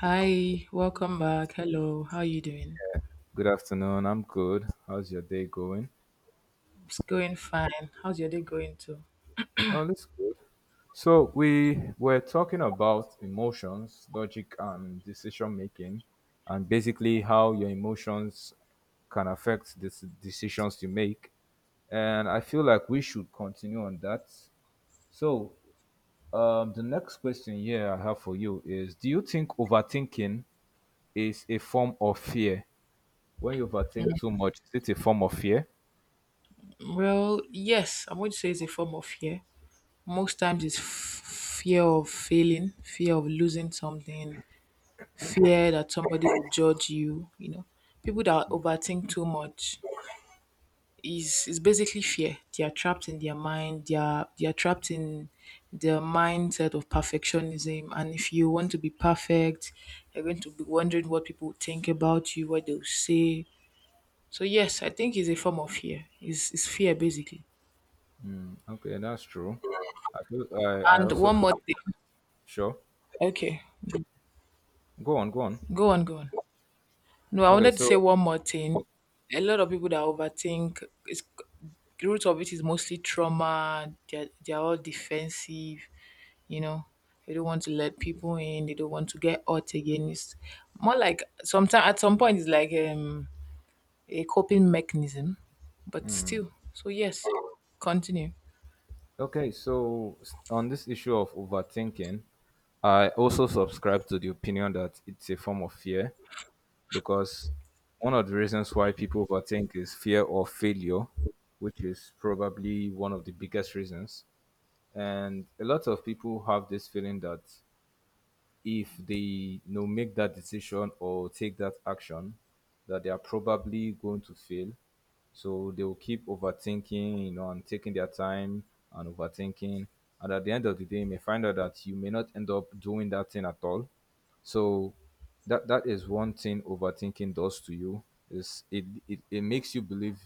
Hi, welcome back. Hello, how are you doing? Good afternoon. I'm good. How's your day going? It's going fine. How's your day going too? Oh, that's good. So we were talking about emotions, logic, and decision making, and basically how your emotions can affect the decisions you make. And I feel like we should continue on that. So the next question here I have for you is: Do you think overthinking is a form of fear? When you overthink too much, is it a form of fear? Well, yes, I'm going to say it's a form of fear. Most times it's fear of failing, fear of losing something, fear that somebody will judge you, you know. People that overthink too much is basically fear. They are trapped in their mind. They are trapped in their mindset of perfectionism. And if you want to be perfect, you're going to be wondering what people think about you, what they'll say. So yes, I think it's a form of fear. Is fear basically. Okay, that's true. I feel I And also one more believe that. thing. Sure. Okay, Go on. go on. No, I Okay, wanted to say so one more thing. A lot of people that overthink is the root of it is mostly trauma. They're all defensive, you know, they don't want to let people in, they don't want to get hurt again. It's more like sometimes, at some point, it's like a coping mechanism, but still. So yes, continue. On this issue of overthinking, I also subscribe to the opinion that it's a form of fear because one of the reasons why people overthink is fear of failure, which is probably one of the biggest reasons. And a lot of people have this feeling that if they you know make that decision or take that action, that they are probably going to fail. So they will keep overthinking, you know, and taking their time and overthinking. And at the end of the day, you may find out that you may not end up doing that thing at all. So that is one thing overthinking does to you is it makes you believe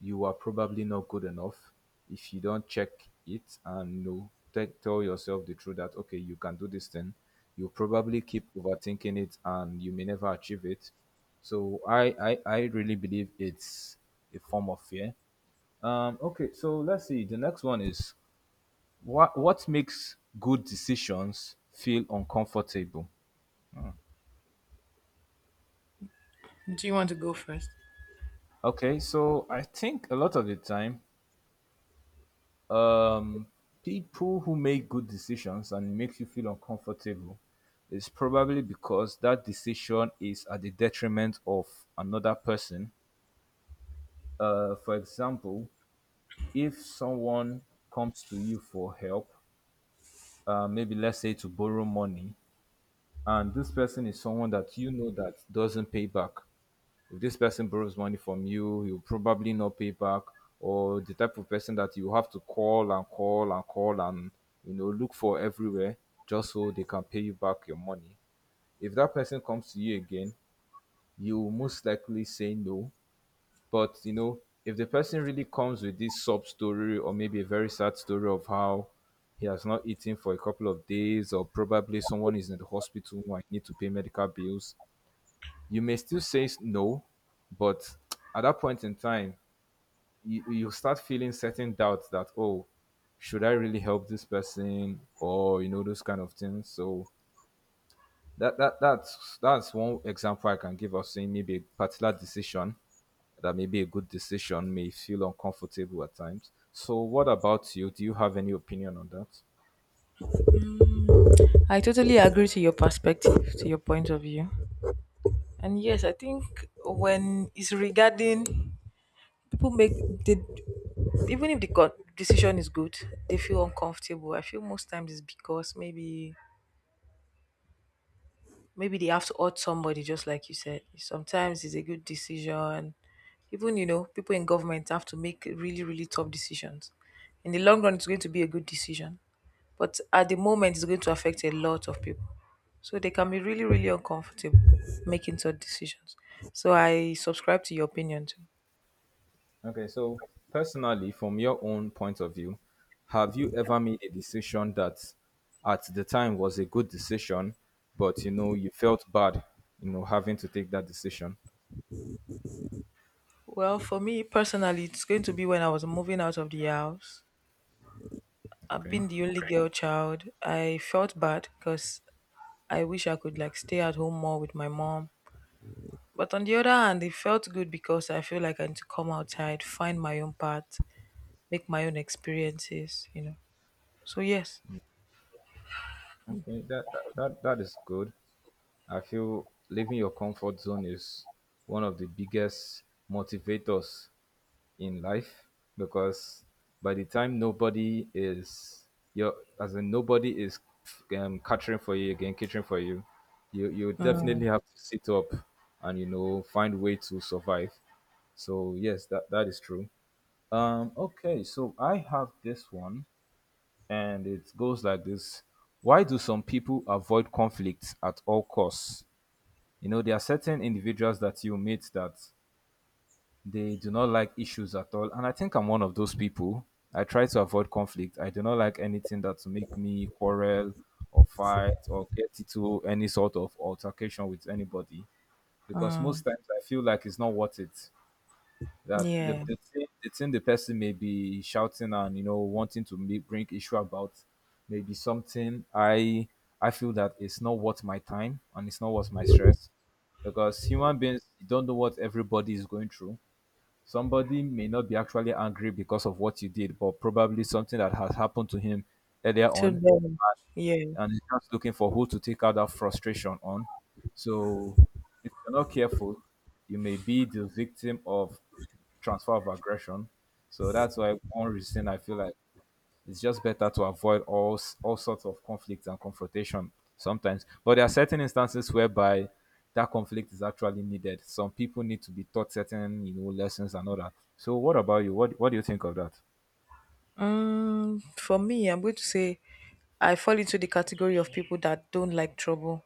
you are probably not good enough if you don't check it and know tell yourself the truth that okay you can do this thing, you probably keep overthinking it and you may never achieve it. So I really believe it's a form of fear. Okay, so let's see, the next one is what makes good decisions feel uncomfortable. Do you want to go first? Okay, so I think a lot of the time, um, people who make good decisions and makes you feel uncomfortable is probably because that decision is at the detriment of another person. For example, if someone comes to you for help, maybe let's say to borrow money, and this person is someone that you know that doesn't pay back, if this person borrows money from you, he'll probably not pay back, or the type of person that you have to call and you know look for everywhere just so they can pay you back your money. If that person comes to you again, you will most likely say no. But you know, if the person really comes with this sob story or maybe a very sad story of how he has not eaten for a couple of days, or probably someone is in the hospital and I need to pay medical bills, you may still say no, but at that point in time, you start feeling certain doubts that, oh, should I really help this person? Or, you know, those kind of things. So that's one example I can give of saying maybe a particular decision that may be a good decision may feel uncomfortable at times. So what about you? Do you have any opinion on that? I totally agree to your perspective, to your point of view. And yes, I think when it's regarding people make the even if the decision is good, they feel uncomfortable. I feel most times it's because maybe they have to hurt somebody, just like you said. Sometimes it's a good decision. Even, you know, people in government have to make really, really tough decisions. In the long run, it's going to be a good decision. But at the moment, it's going to affect a lot of people. So they can be really, really uncomfortable making such decisions. So I subscribe to your opinion too. Okay, so personally, from your own point of view, have you ever made a decision that at the time was a good decision, but you know you felt bad, you know, having to take that decision? Well, for me personally, it's going to be when I was moving out of the house. I've Okay. been the only Okay. girl child. I felt bad because I wish I could like stay at home more with my mom. But on the other hand, it felt good because I feel like I need to come outside, find my own path, make my own experiences, you know. So yes. Okay, that is good. I feel leaving your comfort zone is one of the biggest motivators in life because by the time nobody is your, as in nobody is catering for you again, catering for you, you Mm, definitely have to sit up and you know find way to survive. So yes, that is true. Okay, so I have this one, and it goes like this: Why do some people avoid conflict at all costs? You know, there are certain individuals that you meet that they do not like issues at all. And I think I'm one of those people. I try to avoid conflict. I do not like anything that to make me quarrel or fight or get into any sort of altercation with anybody. Because most mm, times I feel like it's not worth it. That the, yeah. the, thing, the thing the person may be shouting and you know wanting to make, bring issue about may be something I feel that it's not worth my time and it's not worth my stress because human beings you don't know what everybody is going through. Somebody may not be actually angry because of what you did, but probably something that has happened to him earlier To on, them. Yeah. and he's just looking for who to take out that frustration on. So, if you're not careful, you may be the victim of transfer of aggression. So that's why one reason I feel like it's just better to avoid all sorts of conflict and confrontation sometimes. But there are certain instances whereby that conflict is actually needed. Some people need to be taught certain you know lessons and all that. So what about you? What do you think of that? Mm, for me, I'm going to say I fall into the category of people that don't like trouble.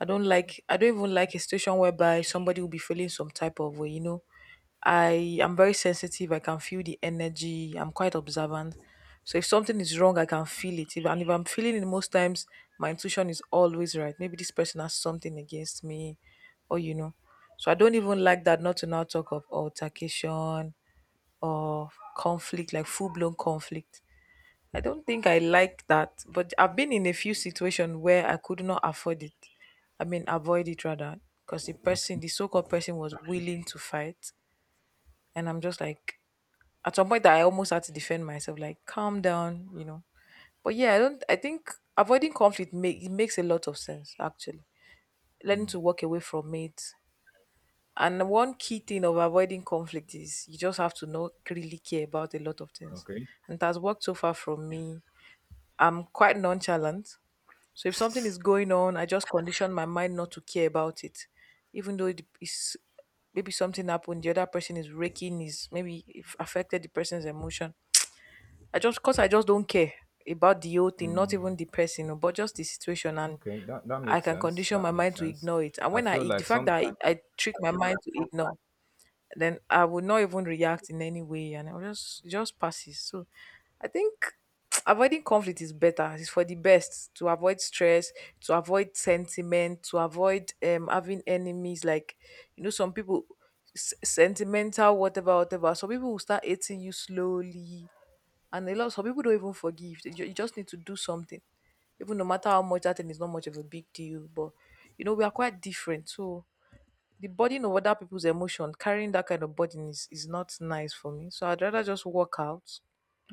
I don't even like a situation whereby somebody will be feeling some type of way, you know. I am very sensitive. I can feel the energy. I'm quite observant. So if something is wrong, I can feel it. And if I'm feeling it most times, my intuition is always right. Maybe this person has something against me, or you know. So I don't even like that. Not to now talk of altercation or conflict, like full blown conflict. I don't think I like that, but I've been in a few situations where I could not afford it. I mean, avoid it rather, because the person, Okay. the so-called person, was willing to fight, and I'm just like, at some point, I almost had to defend myself, like, calm down, you know. But yeah, I don't. I think avoiding conflict makes a lot of sense actually. Learning to walk away from it, and one key thing of avoiding conflict is you just have to not really care about a lot of things, Okay. and it has worked so far from me. I'm quite nonchalant. So if something is going on, I just condition my mind not to care about it, even though it is maybe something happened. The other person is raking, is maybe it affected the person's emotion. I just don't care about the whole thing, not even the person, but just the situation, and Okay. That I makes can sense. condition That my makes mind to sense. ignore it. And I when feel the like fact that I, sometimes I trick my mind to ignore, then I would not even react in any way, and I will just it just passes. So I think avoiding conflict is better. It's for the best to avoid stress, to avoid sentiment, to avoid having enemies. Like you know, some people sentimental, whatever, whatever. Some people will start hating you slowly, and a lot. Some people don't even forgive. You just need to do something, even no matter how much that thing is not much of a big deal. But you know, we are quite different, so. The burden of other people's emotion, carrying that kind of burden is not nice for me. So I'd rather just walk out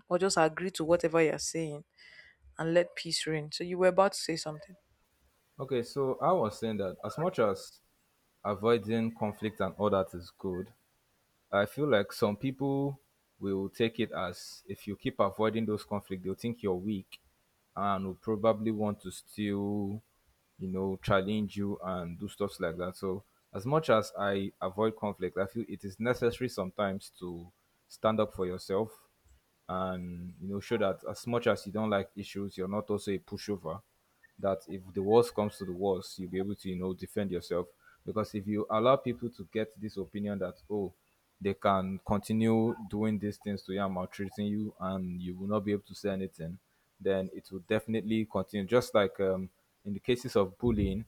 or just agree to whatever you're saying and let peace reign. So you were about to say something. okay, so I was saying that as much as avoiding conflict and all that is good, I feel like some people will take it as if you keep avoiding those conflict, they'll think you're weak and will probably want to still, you know, challenge you and do stuffs like that. So, as much as I avoid conflict, I feel it is necessary sometimes to stand up for yourself and you know show that as much as you don't like issues, you're not also a pushover. That if the worst comes to the worst, you'll be able to you know defend yourself. Because if you allow people to get this opinion that oh, they can continue doing these things to you and maltreating you, and you will not be able to say anything, then it will definitely continue. Just like in the cases of bullying,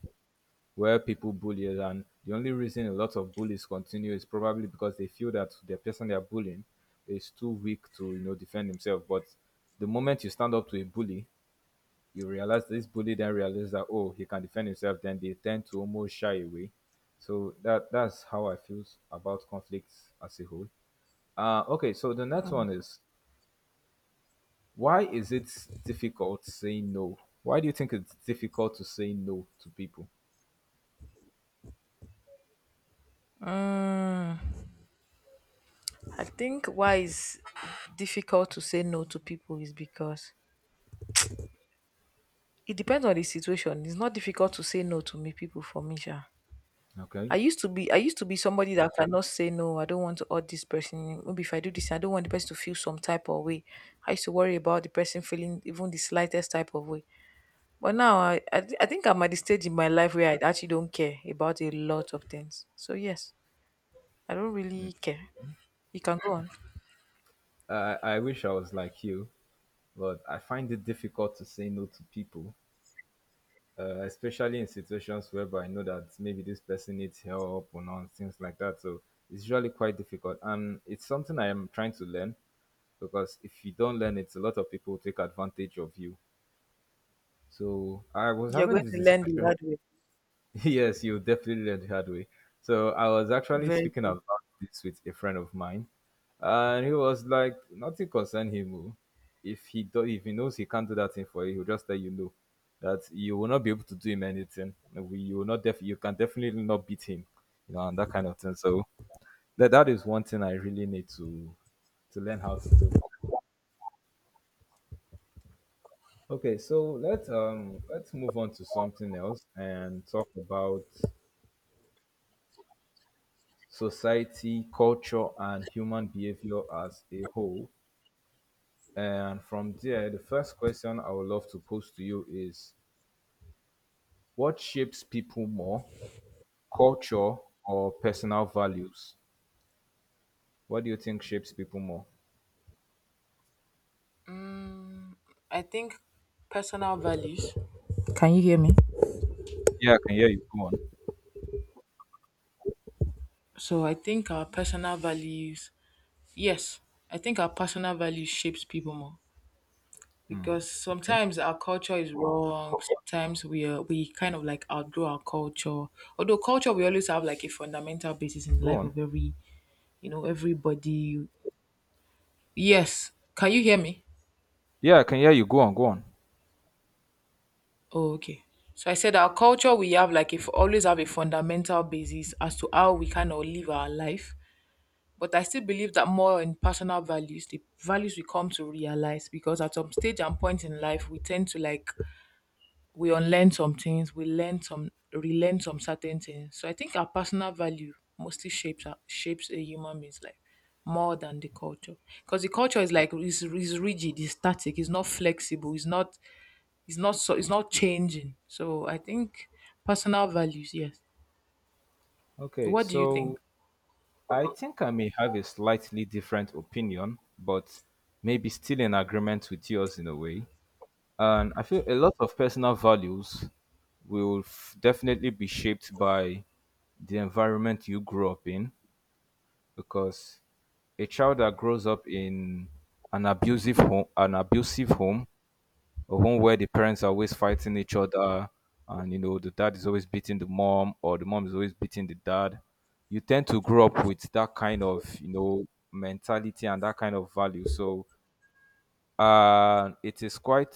where people bully us. And the only reason a lot of bullies continue is probably because they feel that the person they are bullying is too weak to, you know, defend himself. But the moment you stand up to a bully, you realize this bully then realizes that oh he can defend himself, then they tend to almost shy away. So that's how I feel about conflicts as a whole. Okay, so the next one is why is it difficult saying no? Why do you think it's difficult to say no to people? Mm, I think why it's difficult to say no to people is because it depends on the situation. It's not difficult to say no to me people for me, sha. Okay. I used to be somebody that cannot say no. I don't want to hurt this person. Maybe if I do this, I don't want the person to feel some type of way. I used to worry about the person feeling even the slightest type of way. But now I think I'm at the stage in my life where I actually don't care about a lot of things. So yes. I don't really care. You can go on. I wish I was like you, but I find it difficult to say no to people, especially in situations whereby I know that maybe this person needs help or not, things like that. So it's usually quite difficult, and it's something I am trying to learn because if you don't learn it, a lot of people take advantage of you. So I was You're having going this to learn the discussion. hard way. Yes, you definitely learned the hard way. So I was actually Very speaking very. about this with a friend of mine, and he was like, "Nothing concern him. Oh. If he do, if he knows he can't do that thing for you, he'll just let you know that you will not be able to do him anything. We, you will not def, you can definitely not beat him, you know," and that kind of thing. So that is one thing I really need to learn how to do. Okay, so let's move on to something else and talk about society, culture, and human behavior as a whole. And from there, the first question I would love to pose to you is what shapes people more, culture or personal values? What do you think shapes people more? I think personal values. Can you hear me? Yeah, I can hear you. Go on. So I think our personal values, yes, I think our personal values shapes people more Hmm, because okay. sometimes our culture is wrong. Sometimes we are, we kind of like outgrow our culture. Although culture, we always have like a fundamental basis in the Go life on. of every you know everybody. Yes, can you hear me? Yeah, I can hear you. Go on. Oh, okay. So I said our culture we have like if always have a fundamental basis as to how we kind of live our life. But I still believe that more in personal values, the values we come to realize because at some stage and point in life we tend to like we unlearn some things, we learn some relearn some certain things. So I think our personal value mostly shapes a human being's life more than the culture because the culture is like is rigid, is static, it's not flexible, it's not changing. So I think personal values, yes. Okay, What do you think? so I think I may have a slightly different opinion, but maybe still in agreement with yours in a way. And I feel a lot of personal values will definitely be shaped by the environment you grew up in because a child that grows up in an abusive home, a home where the parents are always fighting each other and you know the dad is always beating the mom or the mom is always beating the dad, you tend to grow up with that kind of you know mentality and that kind of value. So, and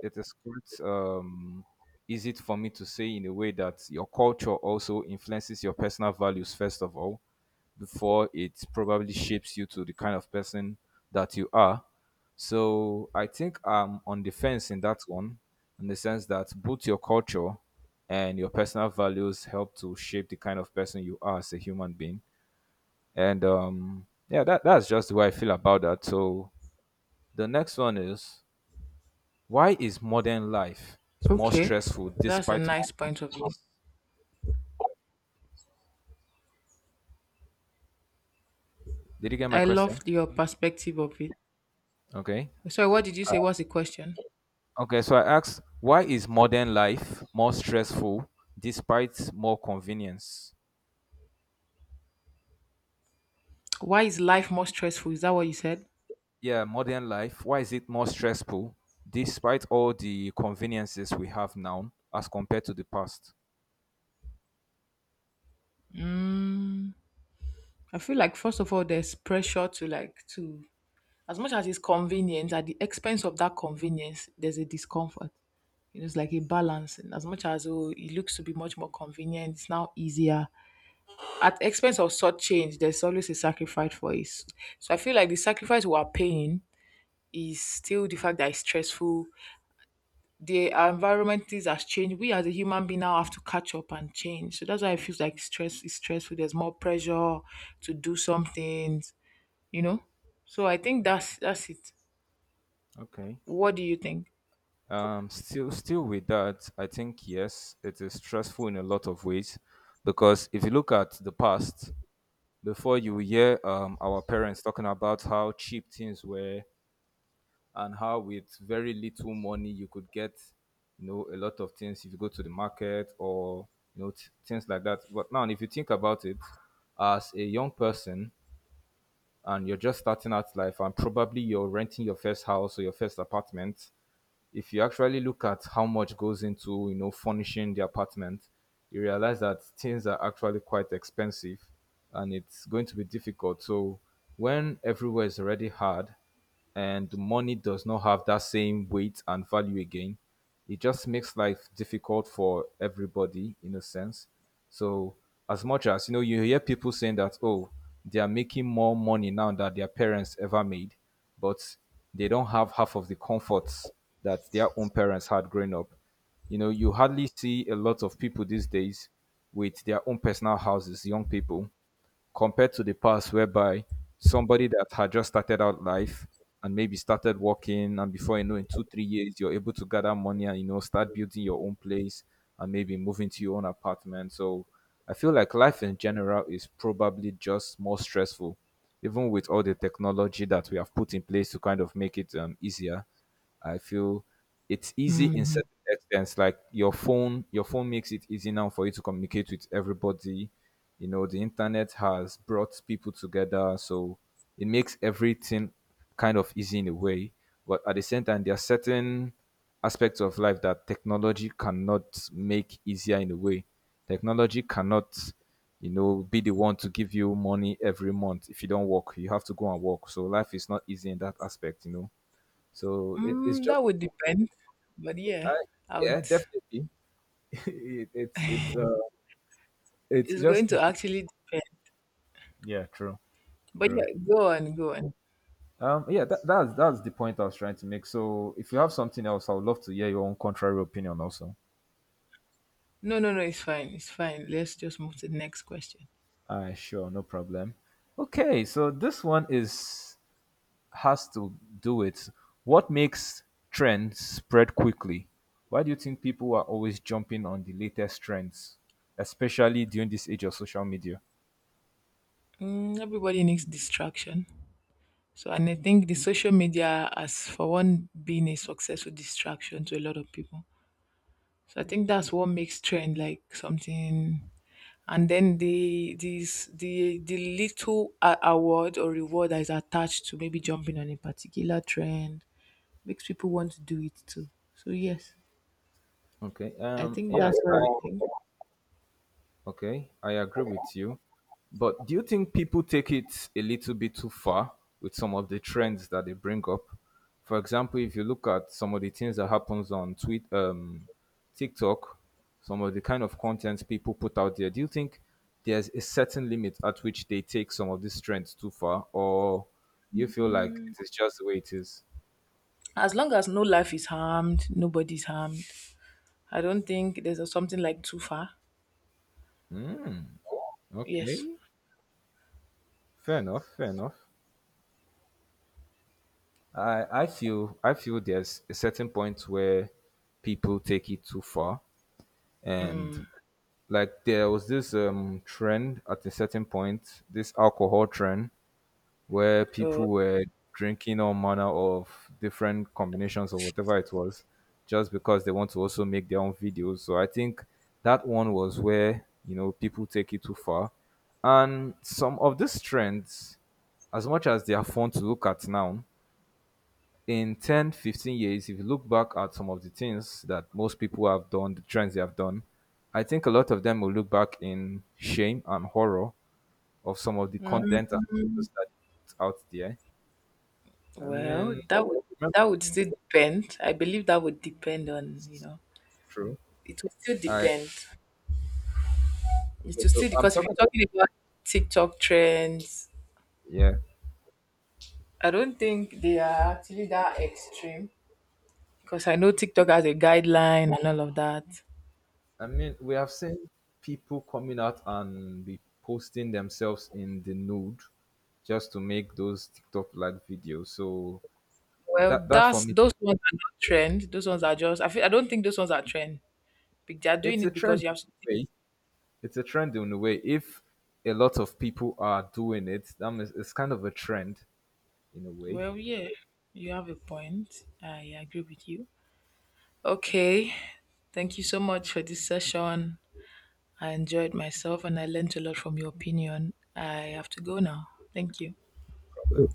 it is quite easy for me to say in a way that your culture also influences your personal values first of all before it probably shapes you to the kind of person that you are. So I think I'm on the fence in that one, in the sense that both your culture and your personal values help to shape the kind of person you are as a human being. And yeah, that's just the way I feel about that. So the next one is, why is modern life more Okay, stressful that's a despite more nice point of view. convenience? Did you get my I love question? your perspective of it. Okay. Sorry, what did you say? What's the question? Okay, so I asked, why is modern life more stressful despite more convenience? Why is life more stressful, is that what you said? Yeah, modern life, why is it more stressful despite all the conveniences we have now as compared to the past? I feel like first of all there's pressure to as much as it's convenient, at the expense of that convenience there's a discomfort, you know, it's like a balance. And as much as oh it looks to be much more convenient, it's now easier, at the expense of such change, there's always a sacrifice for it. So I feel like the sacrifice we are paying is still the fact that it's stressful. The environment is has changed. We as a human being now have to catch up and change. So that's why it feels like stressful. There's more pressure to do some things, you know? So I think that's it. Okay. What do you think? Still with that, I think yes, it is stressful in a lot of ways because if you look at the past, before you will hear our parents talking about how cheap things were and how with very little money you could get, you know, a lot of things if you go to the market, or you know, things like that. But now if you think about it as a young person, and you're just starting out life and probably you're renting your first house or your first apartment, if you actually look at how much goes into, you know, furnishing the apartment, you realize that things are actually quite expensive and it's going to be difficult. So when everywhere is already hard and money does not have that same weight and value again, it just makes life difficult for everybody in a sense. So as much as, you know, you hear people saying that, oh, they are making more money now than their parents ever made, but they don't have half of the comforts that their own parents had growing up. You know, you hardly see a lot of people these days with their own personal houses, young people, compared to the past whereby somebody that had just started out life and maybe started working, and before you know, in 2 3 years you're able to gather money and, you know, start building your own place and maybe move into your own apartment. So I feel like life in general is probably just more stressful, even with all the technology that we have put in place to kind of make it easier. I feel it's easy in Mm, certain extents. Like, your phone makes it easy now for you to communicate with everybody. You know, the internet has brought people together, so it makes everything kind of easy in a way. But at the same time, there are certain aspects of life that technology cannot make easier in a way. Technology cannot, you know, be the one to give you money every month if you don't work. You have to go and work. So life is not easy in that aspect, you know. So it's mm, just, that would depend. But uh, yeah, I yeah, would definitely. It's it's it's just, going to actually depend. yeah, true, But yeah, true. go on. Yeah, that's the point I was trying to make. So if you have something else, I would love to hear your own contrary opinion also. No, no, no, it's fine. It's fine. Let's just move to the next question. Sure, no problem. Okay, so this one is has to do with what makes trends spread quickly. Why do you think people are always jumping on the latest trends, especially during this age of social media? Mm, everybody needs distraction. So, and I think the social media has, for one, been a successful distraction to a lot of people. So, I think that's what makes trend like something. And then the this the little award or reward that is attached to maybe jumping on a particular trend makes people want to do it too. So yes, Okay. I think that's Yes. what I think. Okay, I agree with you. But do you think people take it a little bit too far with some of the trends that they bring up? For example, if you look at some of the things that happens on tweet, TikTok, some of the kind of content people put out there, do you think there's a certain limit at which they take some of these trends too far, or do you feel like it is just the way it is? As long as no life is harmed, nobody's harmed, I don't think there's a something like too far. Yes. Okay, fair enough, fair enough. I feel, I feel there's a certain point where people take it too far. And like, there was this trend at a certain point, this alcohol trend where Uh, people were drinking all manner of different combinations of whatever it was, just because they want to also make their own videos. So I think that one was where, you know, people take it too far. And some of these trends, as much as they are fun to look at now, in 10, 15 years, if you look back at some of the things that most people have done, the trends they have done, I think a lot of them will look back in shame and horror of some of the content and videos that they put out there. I well, mean, remember, that would still depend. I believe that would depend on you know. true. It would still I, depend. It okay, will so still I'm because if you're talking about, talking about TikTok trends, yeah, I don't think they are actually that extreme. Because I know TikTok has a guideline and all of that. I mean, we have seen people coming out and be posting themselves in the nude just to make those TikTok like videos. So Well, that for that's me, those ones are not trend. Those ones are just. I feel, I don't think those ones are trend. They are it's doing a it because trend you in have to. a way, it's a trend in a way. If a lot of people are doing it, that means it's kind of a trend in a way. Well, yeah, you have a point. I agree with you. Okay, thank you so much for this session. I enjoyed myself and I learned a lot from your opinion. I have to go now. Thank you. Problem.